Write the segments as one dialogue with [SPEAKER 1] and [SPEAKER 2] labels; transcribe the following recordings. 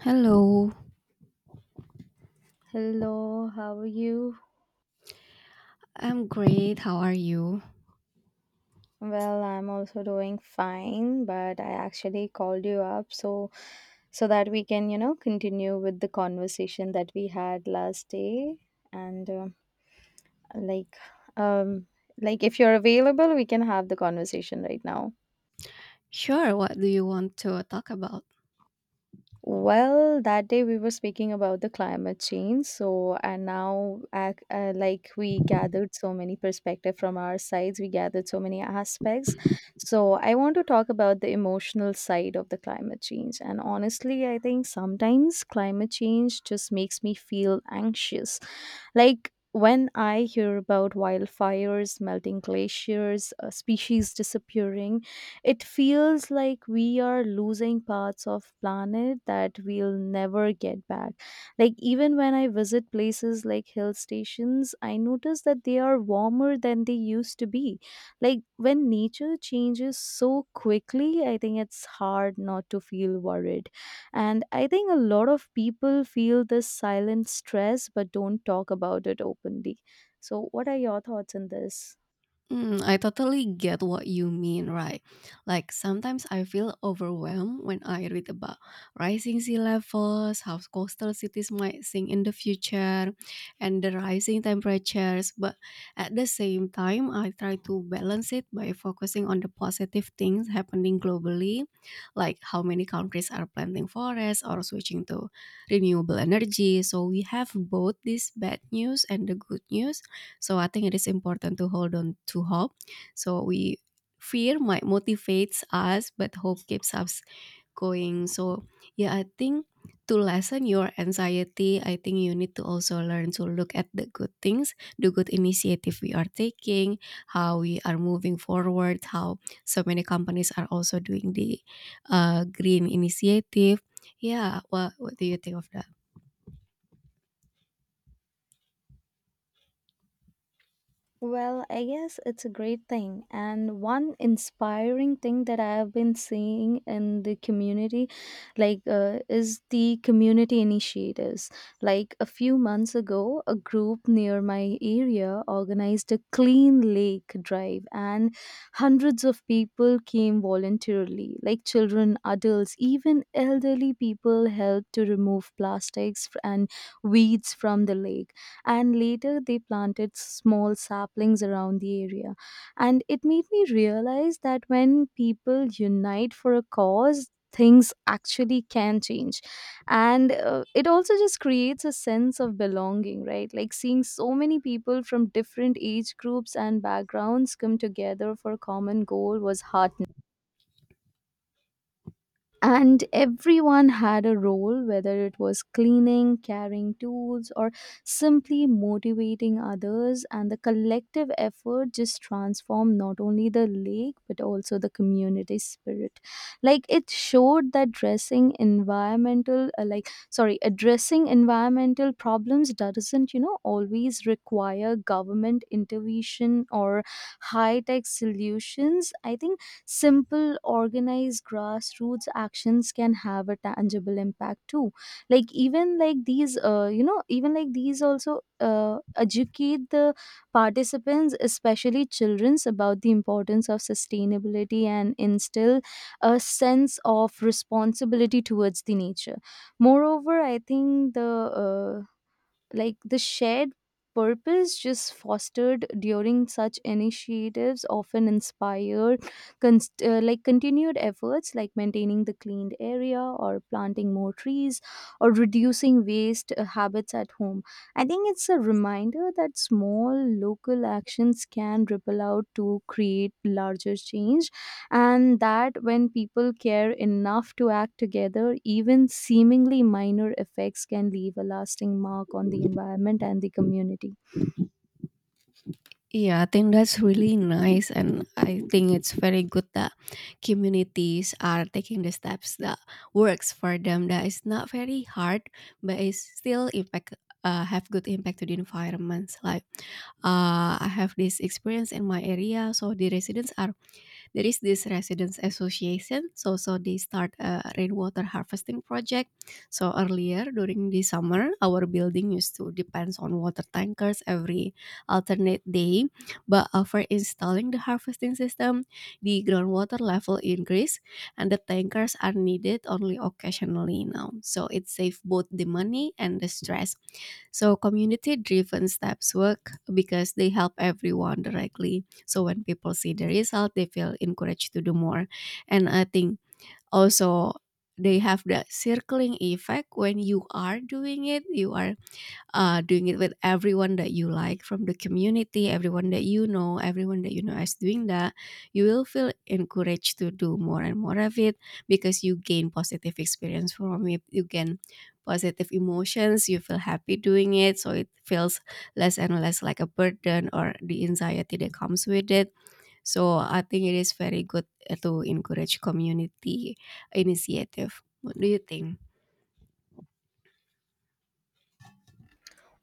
[SPEAKER 1] Hello,
[SPEAKER 2] Hello, how are you?
[SPEAKER 1] I'm great. How are you?
[SPEAKER 2] Well, I'm also doing fine, but I actually called you up so that we can continue with the conversation that we had last day and like um if you're available, we can have the conversation right now.
[SPEAKER 1] Sure, what do you want to talk about?
[SPEAKER 2] Well, that day we were speaking about the climate change. So, and now, we gathered so many perspective from our sides, we gathered so many aspects. So, I want to talk about the emotional side of the climate change. And honestly, I think sometimes climate change just makes me feel anxious. Like when I hear about wildfires, melting glaciers, species disappearing, it feels like we are losing parts of planet that we'll never get back. Like even when I visit places like hill stations, I notice that they are warmer than they used to be. Like when nature changes so quickly, I think it's hard not to feel worried. And I think a lot of people feel this silent stress but don't talk about it openly. So, what are your thoughts on this?
[SPEAKER 1] Mm, I totally get what you mean, right? Like sometimes I feel overwhelmed when I read about rising sea levels, how coastal cities might sink in the future, and the rising temperatures. But at the same time, I try to balance it by focusing on the positive things happening globally, like how many countries are planting forests or switching to renewable energy. So we have both this bad news and the good news, so I think it is important to hold on to hope. So we fear might motivates us, but hope keeps us going. So yeah, I think to lessen your anxiety, I think you need to also learn to look at the good things, the good initiative we are taking, how we are moving forward, how so many companies are also doing the green initiative. Yeah, what do you think of that?
[SPEAKER 2] Well, I guess it's a great thing. And one inspiring thing that I have been seeing in the community, is the community initiatives. Like, a few months ago, a group near my area organized a clean lake drive, and hundreds of people came voluntarily, like children, adults, even elderly people helped to remove plastics and weeds from the lake, and later they planted small saplings around the area. And it made me realize that when people unite for a cause, things actually can change. And it also just creates a sense of belonging, right? Like seeing so many people from different age groups and backgrounds come together for a common goal was heart, and everyone had a role, whether it was cleaning, carrying tools, or simply motivating others. And the collective effort just transformed not only the lake but also the community spirit. Like, it showed that dressing environmental like sorry addressing environmental problems doesn't always require government intervention or high tech solutions. I think simple organized grassroots actions can have a tangible impact too. Like, even like these, even like these also educate the participants, especially children's, about the importance of sustainability and instill a sense of responsibility towards the nature. Moreover, I think uh, the shared purpose just fostered during such initiatives often inspire continued efforts, like maintaining the cleaned area or planting more trees, or reducing waste habits at home. I think it's a reminder that small local actions can ripple out to create larger change, and that when people care enough to act together, even seemingly minor effects can leave a lasting mark on the environment and the community.
[SPEAKER 1] Yeah, I think that's really nice, and I think it's very good that communities are taking the steps that works for them. That is not very hard, but it's still impact have good impact to the environment. Like I have this experience in my area, so there is this residents association, so they start a rainwater harvesting project, so earlier during the summer our building used to depends on water tankers every alternate day, but after installing the harvesting system the groundwater level increase and the tankers are needed only occasionally now, so it saves both the money and the stress. So community driven steps work because they help everyone directly. So when people see the result, they feel encouraged to do more. And I think also they have that circling effect. When you are doing it, you are doing it with everyone that you like from the community, everyone that you know, everyone that you know is doing that, you will feel encouraged to do more and more of it, because you gain positive experience from it. You gain positive emotions. You feel happy doing it. So it feels less and less like a burden or the anxiety that comes with it. So I think it is very good to encourage community initiative. What do you think?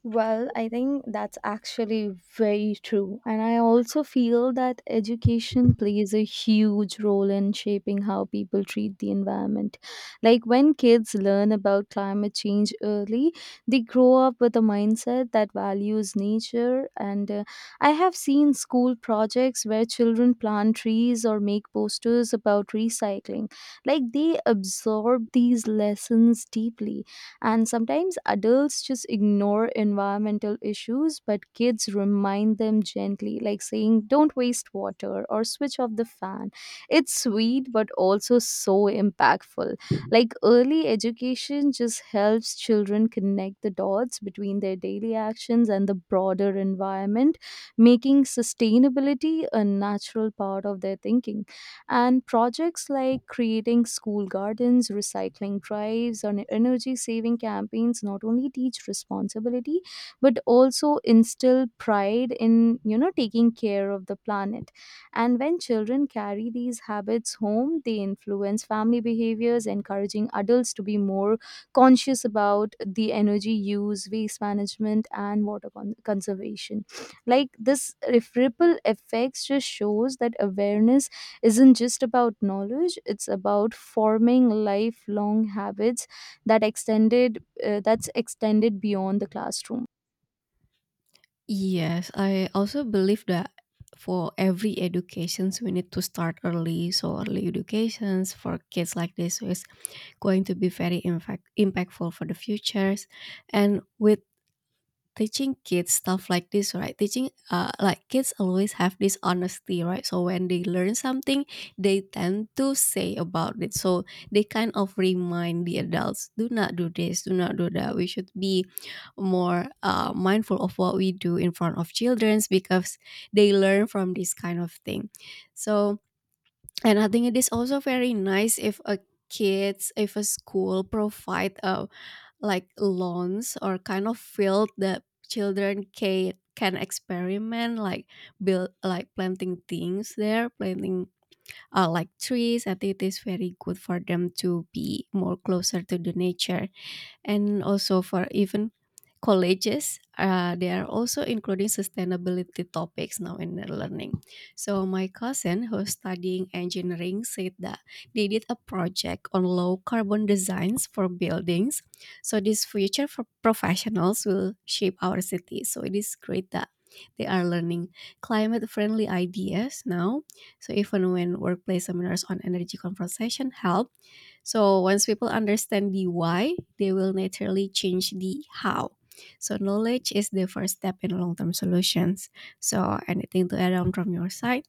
[SPEAKER 2] Well, I think that's actually very true. And I also feel that education plays a huge role in shaping how people treat the environment. Like when kids learn about climate change early, they grow up with a mindset that values nature. And I have seen school projects where children plant trees or make posters about recycling. Like, they absorb these lessons deeply, and sometimes adults just ignore environmental issues, but kids remind them gently, like saying, don't waste water or switch off the fan. It's sweet, but also so impactful. Like, early education just helps children connect the dots between their daily actions and the broader environment, making sustainability a natural part of their thinking. And projects like creating school gardens, recycling drives, or energy saving campaigns not only teach responsibility but also instill pride in, taking care of the planet. And when children carry these habits home, they influence family behaviors, encouraging adults to be more conscious about the energy use, waste management, and water conservation. Like this ripple effects just shows that awareness isn't just about knowledge. It's about forming lifelong habits that's extended beyond the classroom.
[SPEAKER 1] Yes, I also believe that for every educations we need to start early. So early educations for kids like this is going to be very impactful for the futures. And with teaching kids stuff like this, right, teaching like kids always have this honesty, right, so when they learn something they tend to say about it, so they kind of remind the adults, do not do this, do not do that. We should be more mindful of what we do in front of children because they learn from this kind of thing. So and I think it is also very nice if a kids if a school provide a like lawns or kind of field that children can experiment, like build, like planting things there, planting like trees. I think it is very good for them to be more closer to the nature. And also for even colleges, they are also including sustainability topics now in their learning. So my cousin who's studying engineering said that they did a project on low carbon designs for buildings, so these future for professionals will shape our city, so it is great that they are learning climate friendly ideas now. So even when workplace seminars on energy conversation help, so once people understand the why, they will naturally change the how. So knowledge is the first step in long-term solutions. So anything to add on from your side?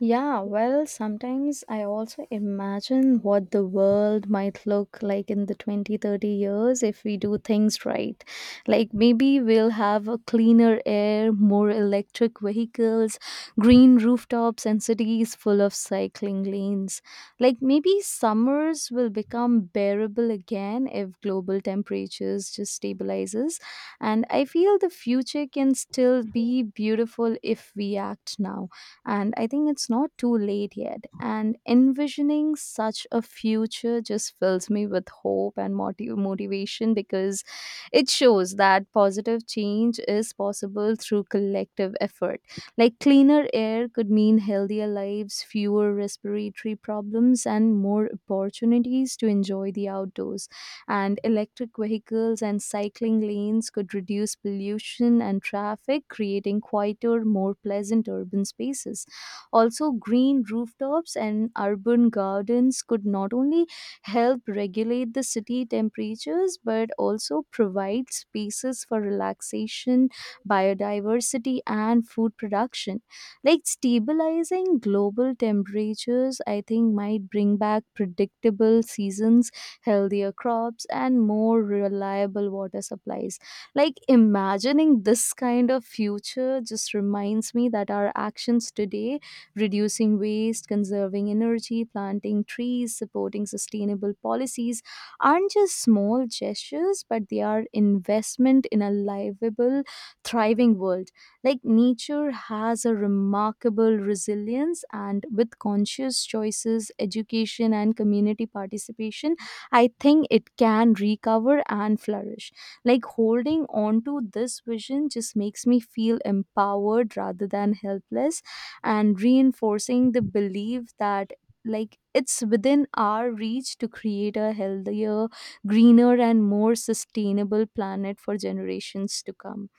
[SPEAKER 2] Yeah, well, sometimes I also imagine what the world might look like in the 2030 if we do things right. Like maybe we'll have a cleaner air, more electric vehicles, green rooftops, and cities full of cycling lanes. Like maybe summers will become bearable again if global temperatures just stabilizes. And I feel the future can still be beautiful if we act now. And I think it's not too late yet. And envisioning such a future just fills me with hope and motivation, because it shows that positive change is possible through collective effort. Like cleaner air could mean healthier lives, fewer respiratory problems, and more opportunities to enjoy the outdoors. And electric vehicles and cycling lanes could reduce pollution and traffic, creating quieter, more pleasant urban spaces. Also, green rooftops and urban gardens could not only help regulate the city temperatures but also provide spaces for relaxation, biodiversity, and food production. Like stabilizing global temperatures, I think, might bring back predictable seasons, healthier crops, and more reliable water supplies. Like imagining this kind of future just reminds me that our actions today, reducing waste, conserving energy, planting trees, supporting sustainable policies, aren't just small gestures, but they are investment in a livable, thriving world. Like nature has a remarkable resilience, and with conscious choices, education, and community participation, I think it can recover and flourish. Like holding on to this vision just makes me feel empowered rather than helpless, and reinforcing the belief that, like, it's within our reach to create a healthier, greener, and more sustainable planet for generations to come.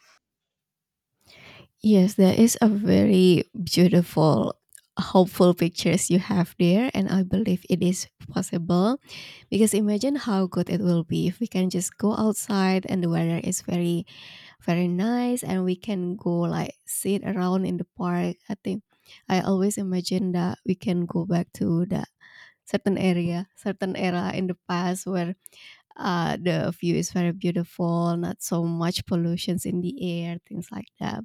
[SPEAKER 1] Yes, there is a very beautiful, hopeful pictures you have there, and I believe it is possible, because imagine how good it will be if we can just go outside and the weather is very very nice and we can go like sit around in the park. I think I always imagine that we can go back to that certain area, certain era in the past where the view is very beautiful, not so much pollutions in the air, things like that.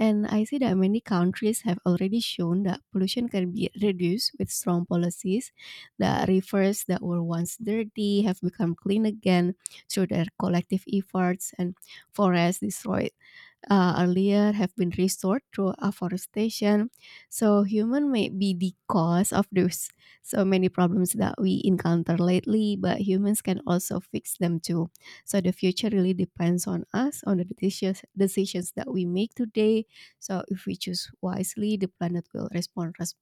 [SPEAKER 1] And I see that many countries have already shown that pollution can be reduced with strong policies. The rivers that were once dirty have become clean again through their collective efforts, and forests destroyed earlier have been restored through afforestation. So human may be the cause of those so many problems that we encounter lately, but humans can also fix them too. So the future really depends on us, on the decisions that we make today. So if we choose wisely, the planet will respond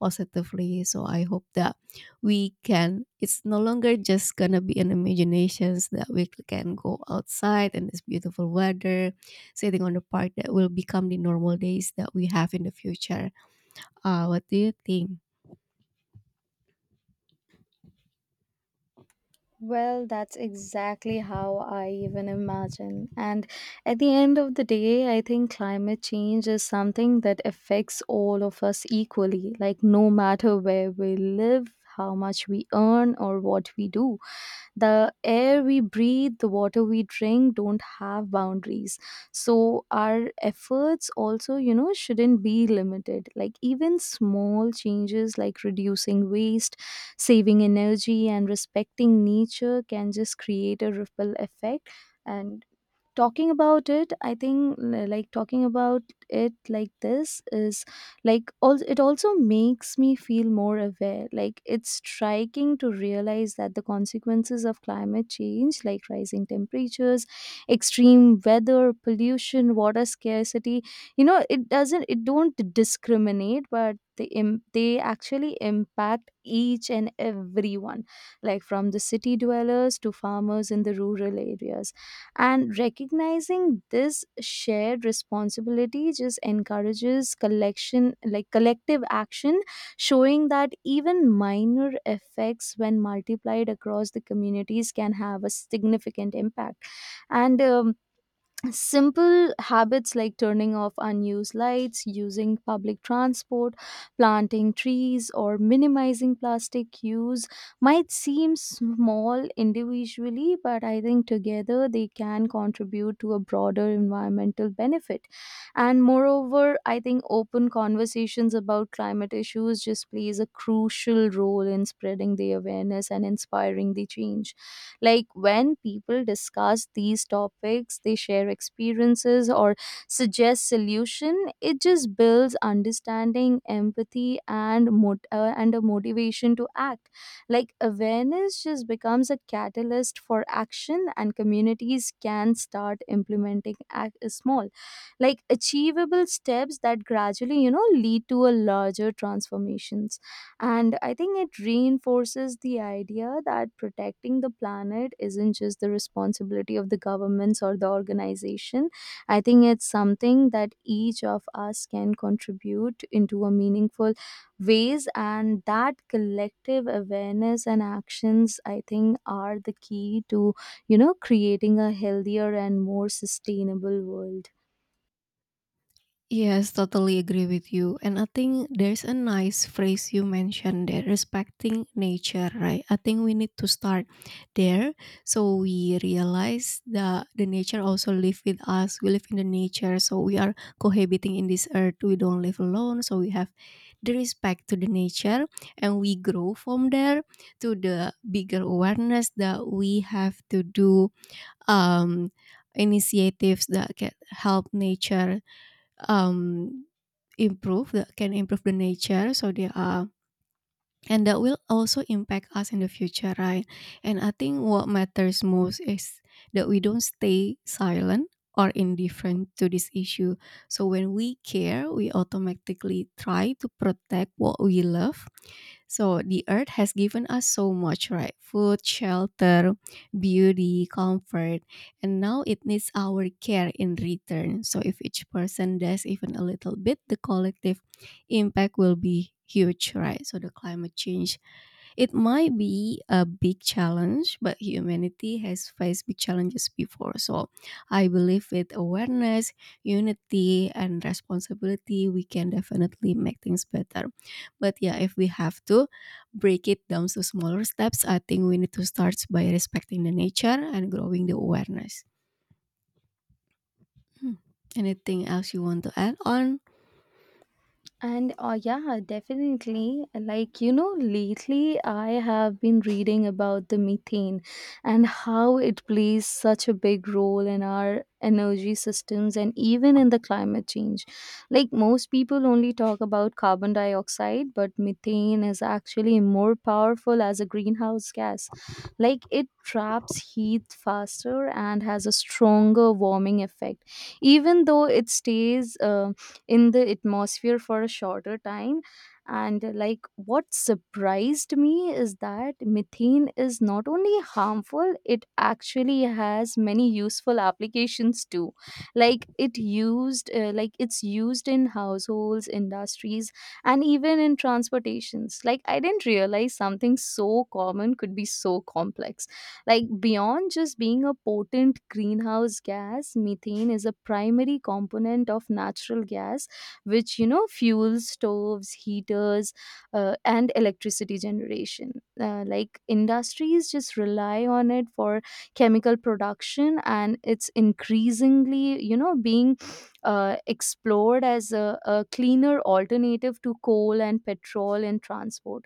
[SPEAKER 1] positively. So I hope that we can, it's no longer just gonna be an imaginations that we can go outside in this beautiful weather, sitting on the park, that will become the normal days that we have in the future. What do you think?
[SPEAKER 2] Well, that's exactly how I even imagine. And at the end of the day, I think climate change is something that affects all of us equally, like no matter where we live, how much we earn, or what we do. The air we breathe, the water we drink, don't have boundaries, so our efforts also shouldn't be limited. Like, even small changes like reducing waste, saving energy, and respecting nature can just create a ripple effect. And talking about it, I think, like talking about it like this is, like, all, it also makes me feel more aware. Like it's striking to realize that the consequences of climate change, like rising temperatures, extreme weather, pollution, water scarcity, it don't discriminate, but they actually impact each and everyone, like from the city dwellers to farmers in the rural areas. And recognizing this shared responsibility just encourages collection, like collective action, showing that even minor effects, when multiplied across the communities, can have a significant impact. And simple habits like turning off unused lights, using public transport, planting trees, or minimizing plastic use might seem small individually, but I think together they can contribute to a broader environmental benefit. And moreover, I think open conversations about climate issues just plays a crucial role in spreading the awareness and inspiring the change, like when people discuss these topics, they share experiences or suggest solution. It just builds understanding, empathy, and a motivation to act. Like awareness just becomes a catalyst for action, and communities can start implementing act small, like achievable steps that gradually lead to a larger transformations. And I think it reinforces the idea that protecting the planet isn't just the responsibility of the governments or the organization. I think it's something that each of us can contribute into a meaningful ways, and that collective awareness and actions, I think, are the key to creating a healthier and more sustainable world.
[SPEAKER 1] Yes, totally agree with you. And I think there's a nice phrase you mentioned there, respecting nature, right? I think we need to start there, so we realize that the nature also live with us. We live in the nature, so we are cohabiting in this earth. We don't live alone, so we have the respect to the nature, and we grow from there to the bigger awareness that we have to do um initiatives that can help nature, um, improve can improve the nature, so they are and that will also impact us in the future, right? And I think what matters most is that we don't stay silent or indifferent to this issue. So when we care, we automatically try to protect what we love. So the earth has given us so much, right? Food, shelter, beauty, comfort, and now it needs our care in return. So if each person does even a little bit, the collective impact will be huge, right? So the climate change, it might be a big challenge, but humanity has faced big challenges before. So I believe with awareness, unity, and responsibility, we can definitely make things better. But yeah, if we have to break it down to smaller steps, I think we need to start by respecting the nature and growing the awareness. Hmm. Anything else you want to add on?
[SPEAKER 2] And yeah, definitely. Like, lately I have been reading about the methane and how it plays such a big role in our energy systems and even in the climate change. Like, most people only talk about carbon dioxide, but methane is actually more powerful as a greenhouse gas. Like, it traps heat faster and has a stronger warming effect, even though it stays in the atmosphere for a shorter time. And like what surprised me is that methane is not only harmful, it actually has many useful applications too. Like it's used in households, industries, and even in transportations. Like, I didn't realize something so common could be so complex. Like, beyond just being a potent greenhouse gas, methane is a primary component of natural gas, which fuels stoves, heaters, and electricity generation. Like industries just rely on it for chemical production, and it's increasingly being explored as a cleaner alternative to coal and petrol in transport.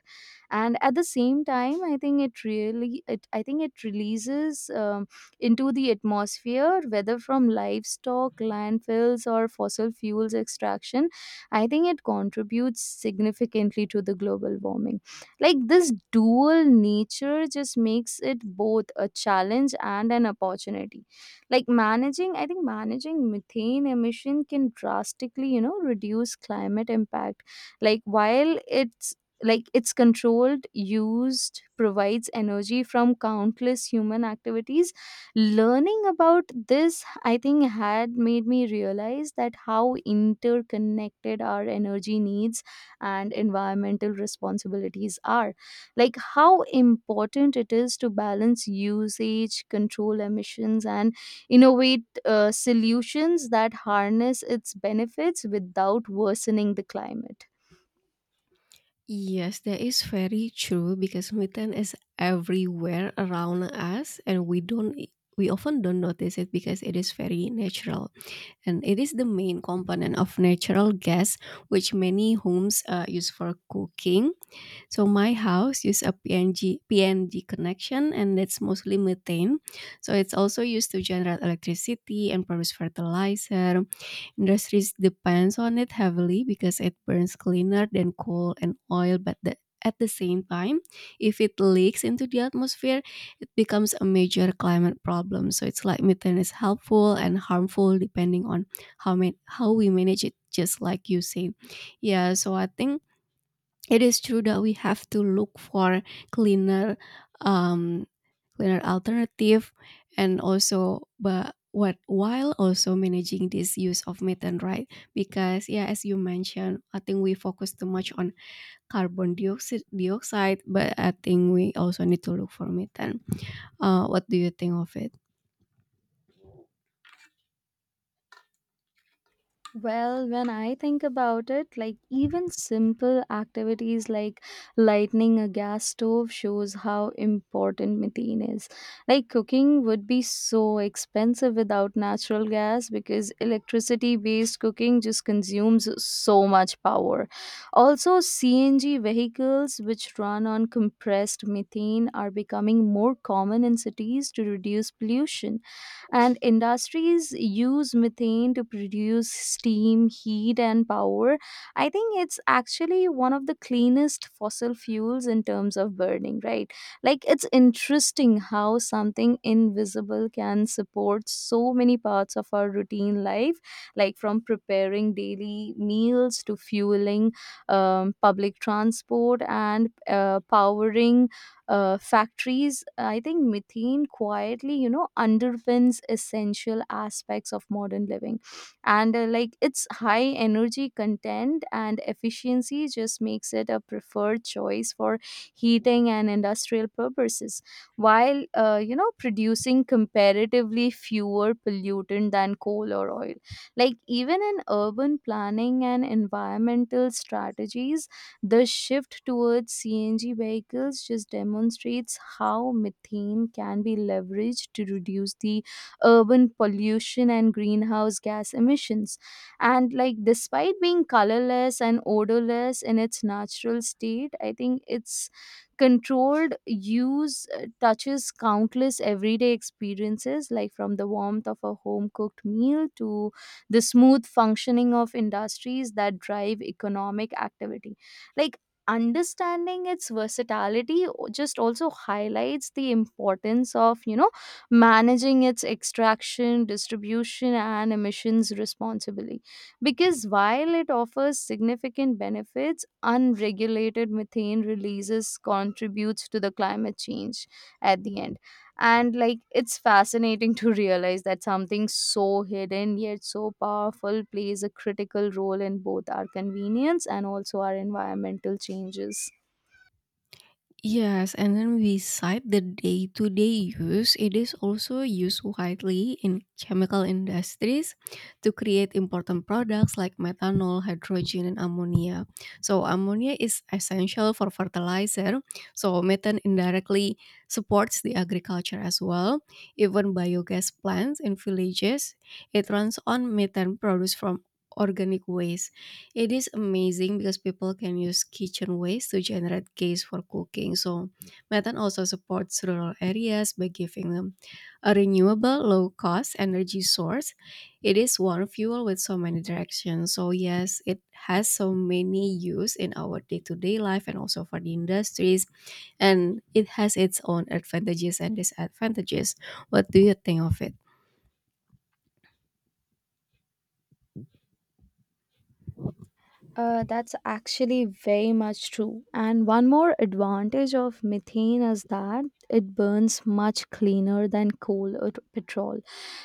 [SPEAKER 2] And at the same time, I think it really I think it releases into the atmosphere, whether from livestock, landfills, or fossil fuels extraction. I think it contributes significantly to the global warming. Like, this dual nature just makes it both a challenge and an opportunity. Like managing, I think, managing methane emission can drastically reduce climate impact. like while it's like, it's controlled used provides energy from countless human activities. Learning about this, I think, had made me realize that how interconnected our energy needs and environmental responsibilities are, like how important it is to balance usage, control emissions, and innovate solutions that harness its benefits without worsening the climate.
[SPEAKER 1] Yes, that is very true, because methane is everywhere around us and we often don't notice it because it is very natural, and it is the main component of natural gas, which many homes use for cooking. So my house use a PNG connection and that's mostly methane. So it's also used to generate electricity and produce fertilizer. Industries depends on it heavily because it burns cleaner than coal and oil, but the, at the same time, if it leaks into the atmosphere, it becomes a major climate problem. So it's like methane is helpful and harmful depending on how we manage it. Just like you said, yeah. So I think it is true that we have to look for cleaner, um, cleaner alternative, and also, but what, while also managing this use of methane, right? Because yeah, as you mentioned, I think we focus too much on carbon dioxide, but I think we also need to look for methane. What do you think of it?
[SPEAKER 2] Well, when I think about it, like, even simple activities like lighting a gas stove shows how important methane is. Like, cooking would be so expensive without natural gas because electricity based cooking just consumes so much power. Also, CNG vehicles which run on compressed methane are becoming more common in cities to reduce pollution, and industries use methane to produce steam, heat, and power. I think it's actually one of the cleanest fossil fuels in terms of burning, right? Like, it's interesting how something invisible can support so many parts of our routine life, like from preparing daily meals to fueling public transport, and powering factories. I think methane quietly underpins essential aspects of modern living. And like, its high energy content and efficiency just makes it a preferred choice for heating and industrial purposes, while producing comparatively fewer pollutant than coal or oil. Like, even in urban planning and environmental strategies, the shift towards CNG vehicles just demonstrates how methane can be leveraged to reduce the urban pollution and greenhouse gas emissions. And like, despite being colorless and odorless in its natural state, I think its controlled use touches countless everyday experiences, like from the warmth of a home cooked meal to the smooth functioning of industries that drive economic activity. Like understanding its versatility just also highlights the importance of, you know, managing its extraction, distribution, and emissions responsibly. Because while it offers significant benefits, unregulated methane releases contributes to the climate change at the end. And like, it's fascinating to realize that something so hidden yet so powerful plays a critical role in both our convenience and also our environmental changes.
[SPEAKER 1] Yes, and then beside the day-to-day use, it is also used widely in chemical industries to create important products like methanol, hydrogen, and ammonia. So ammonia is essential for fertilizer. So methane indirectly supports the agriculture as well. Even biogas plants in villages, it runs on methane produced from organic waste. It is amazing because people can use kitchen waste to generate gas for cooking. So Metan also supports rural areas by giving them a renewable, low cost energy source. It is one fuel with so many directions. So, yes, it has so many use in our day to day life and also for the industries. And it has its own advantages and disadvantages. What do you think of it?
[SPEAKER 2] That's actually very much true. And one more advantage of methane is that it burns much cleaner than coal or petrol.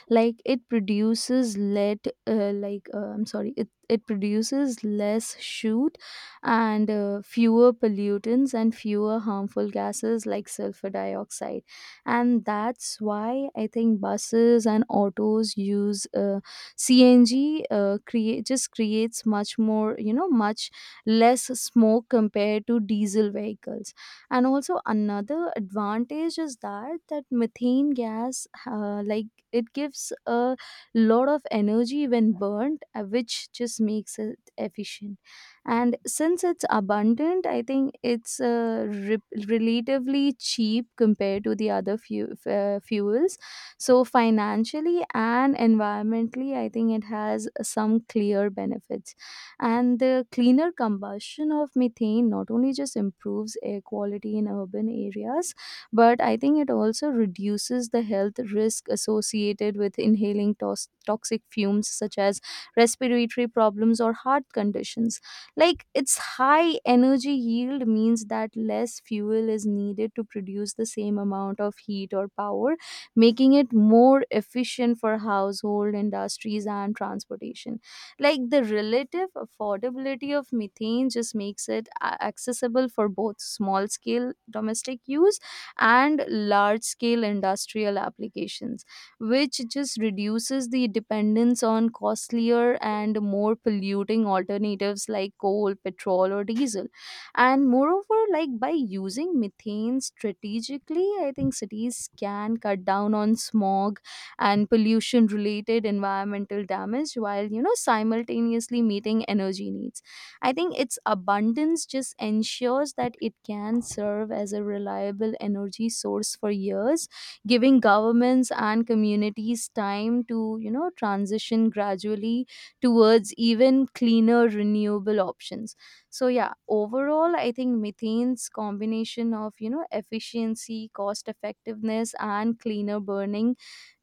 [SPEAKER 2] Like, it produces lead, I'm sorry, it produces less shoot and fewer pollutants and fewer harmful gases like sulfur dioxide. And that's why I think buses and autos use. CNG, create just creates much more, much less smoke compared to diesel vehicles. And also another advantage is that methane gas, like, it gives a lot of energy when burnt, which just makes it efficient. And since it's abundant, I think it's relatively cheap compared to the other fuels. So financially and environmentally, I think it has some clear benefits. And the cleaner combustion of methane not only just improves air quality in urban areas, but I think it also reduces the health risk associated with inhaling toxic fumes such as respiratory problems or heart conditions. Like, its high energy yield means that less fuel is needed to produce the same amount of heat or power, making it more efficient for household industries and transportation. Like, the relative affordability of methane just makes it accessible for both small scale domestic use and large scale industrial applications, which just reduces the dependence on costlier and more polluting alternatives like coal, petrol, or diesel. And moreover, like by using methane strategically, I think cities can cut down on smog and pollution related environmental damage, while simultaneously meeting energy needs. I think its abundance just ensures that it can serve as a reliable energy source for years, giving governments and communities time to transition gradually towards even cleaner renewable options. So yeah, overall, I think methane's combination of efficiency, cost effectiveness, and cleaner burning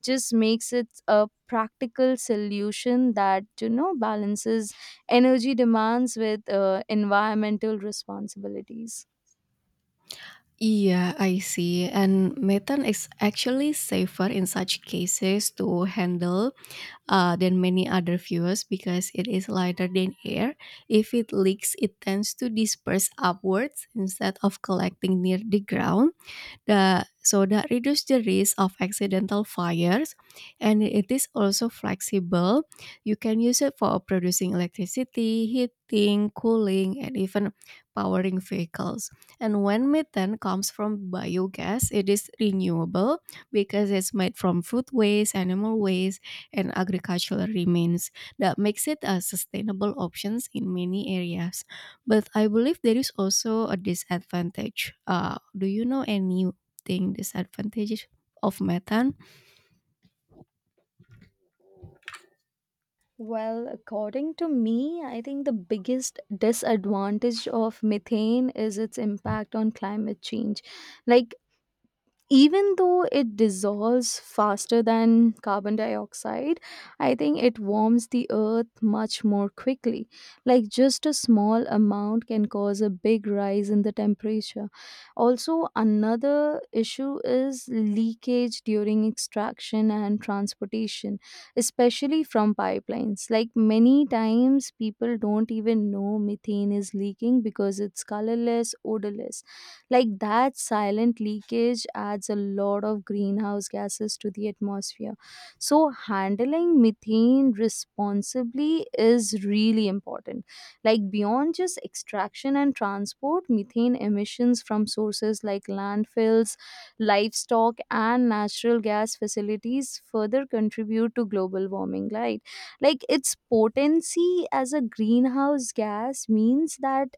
[SPEAKER 2] just makes it a practical solution that balances energy demands with environmental responsibilities.
[SPEAKER 1] Yeah, I see. And methane is actually safer in such cases to handle than many other fuels because it is lighter than air. If it leaks, it tends to disperse upwards instead of collecting near the ground. The, so that reduces the risk of accidental fires, and it is also flexible. You can use it for producing electricity, heating, cooling, and even powering vehicles. And when methane comes from biogas, it is renewable because it's made from food waste, animal waste, and agricultural remains. That makes it a sustainable option in many areas. But I believe there is also a disadvantage. Do you know any, think disadvantages of methane?
[SPEAKER 2] Well, according to me, I think the biggest disadvantage of methane is its impact on climate change. Like, even though it dissolves faster than carbon dioxide, I think it warms the earth much more quickly. Like, just a small amount can cause a big rise in the temperature. Also, another issue is leakage during extraction and transportation, especially from pipelines. Like, many times people don't even know methane is leaking because it's colorless, odorless. Like that silent leakage adds a lot of greenhouse gases to the atmosphere. So, handling methane responsibly is really important. Like, beyond just extraction and transport, methane emissions from sources like landfills, livestock, and natural gas facilities further contribute to global warming, right? Like, its potency as a greenhouse gas means that,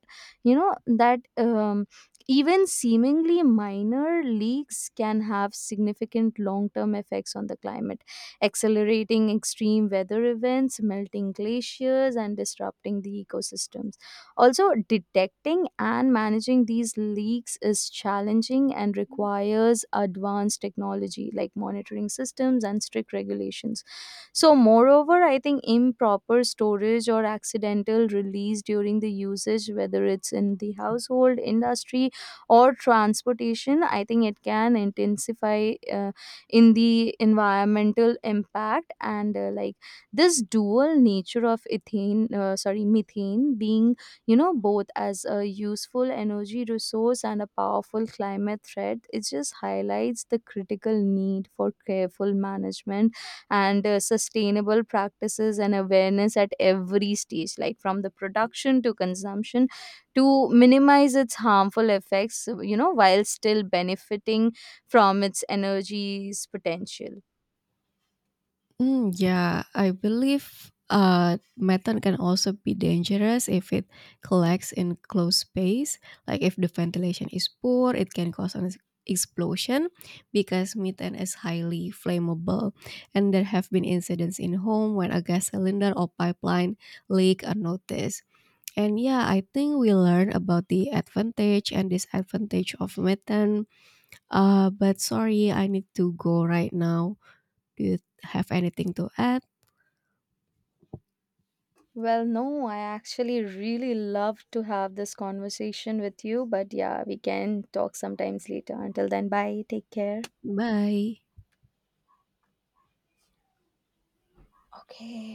[SPEAKER 2] you know, that. Um, even seemingly minor leaks can have significant long term effects on the climate, accelerating extreme weather events, melting glaciers, and disrupting the ecosystems. Also, detecting and managing these leaks is challenging and requires advanced technology like monitoring systems and strict regulations. So, moreover, I think improper storage or accidental release during the usage, whether it's in the household, industry, or transportation, I think it can intensify in the environmental impact. And like, this dual nature of ethane sorry methane being, both as a useful energy resource and a powerful climate threat, it just highlights the critical need for careful management and sustainable practices and awareness at every stage, like from the production to consumption, to minimize its harmful effects, while still benefiting from its energy's potential.
[SPEAKER 1] Mm, yeah, I believe methane can also be dangerous if it collects in closed space. Like if the ventilation is poor, it can cause an explosion because methane is highly flammable. And there have been incidents in home when a gas cylinder or pipeline leak unnoticed. And yeah, I think we learn about the advantage and disadvantage of methane. But sorry, I need to go right now. Do you have anything to add?
[SPEAKER 2] Well, no, I actually really love to have this conversation with you, but yeah, we can talk sometimes later. Until then, bye. Take care.
[SPEAKER 1] Bye.
[SPEAKER 2] Okay,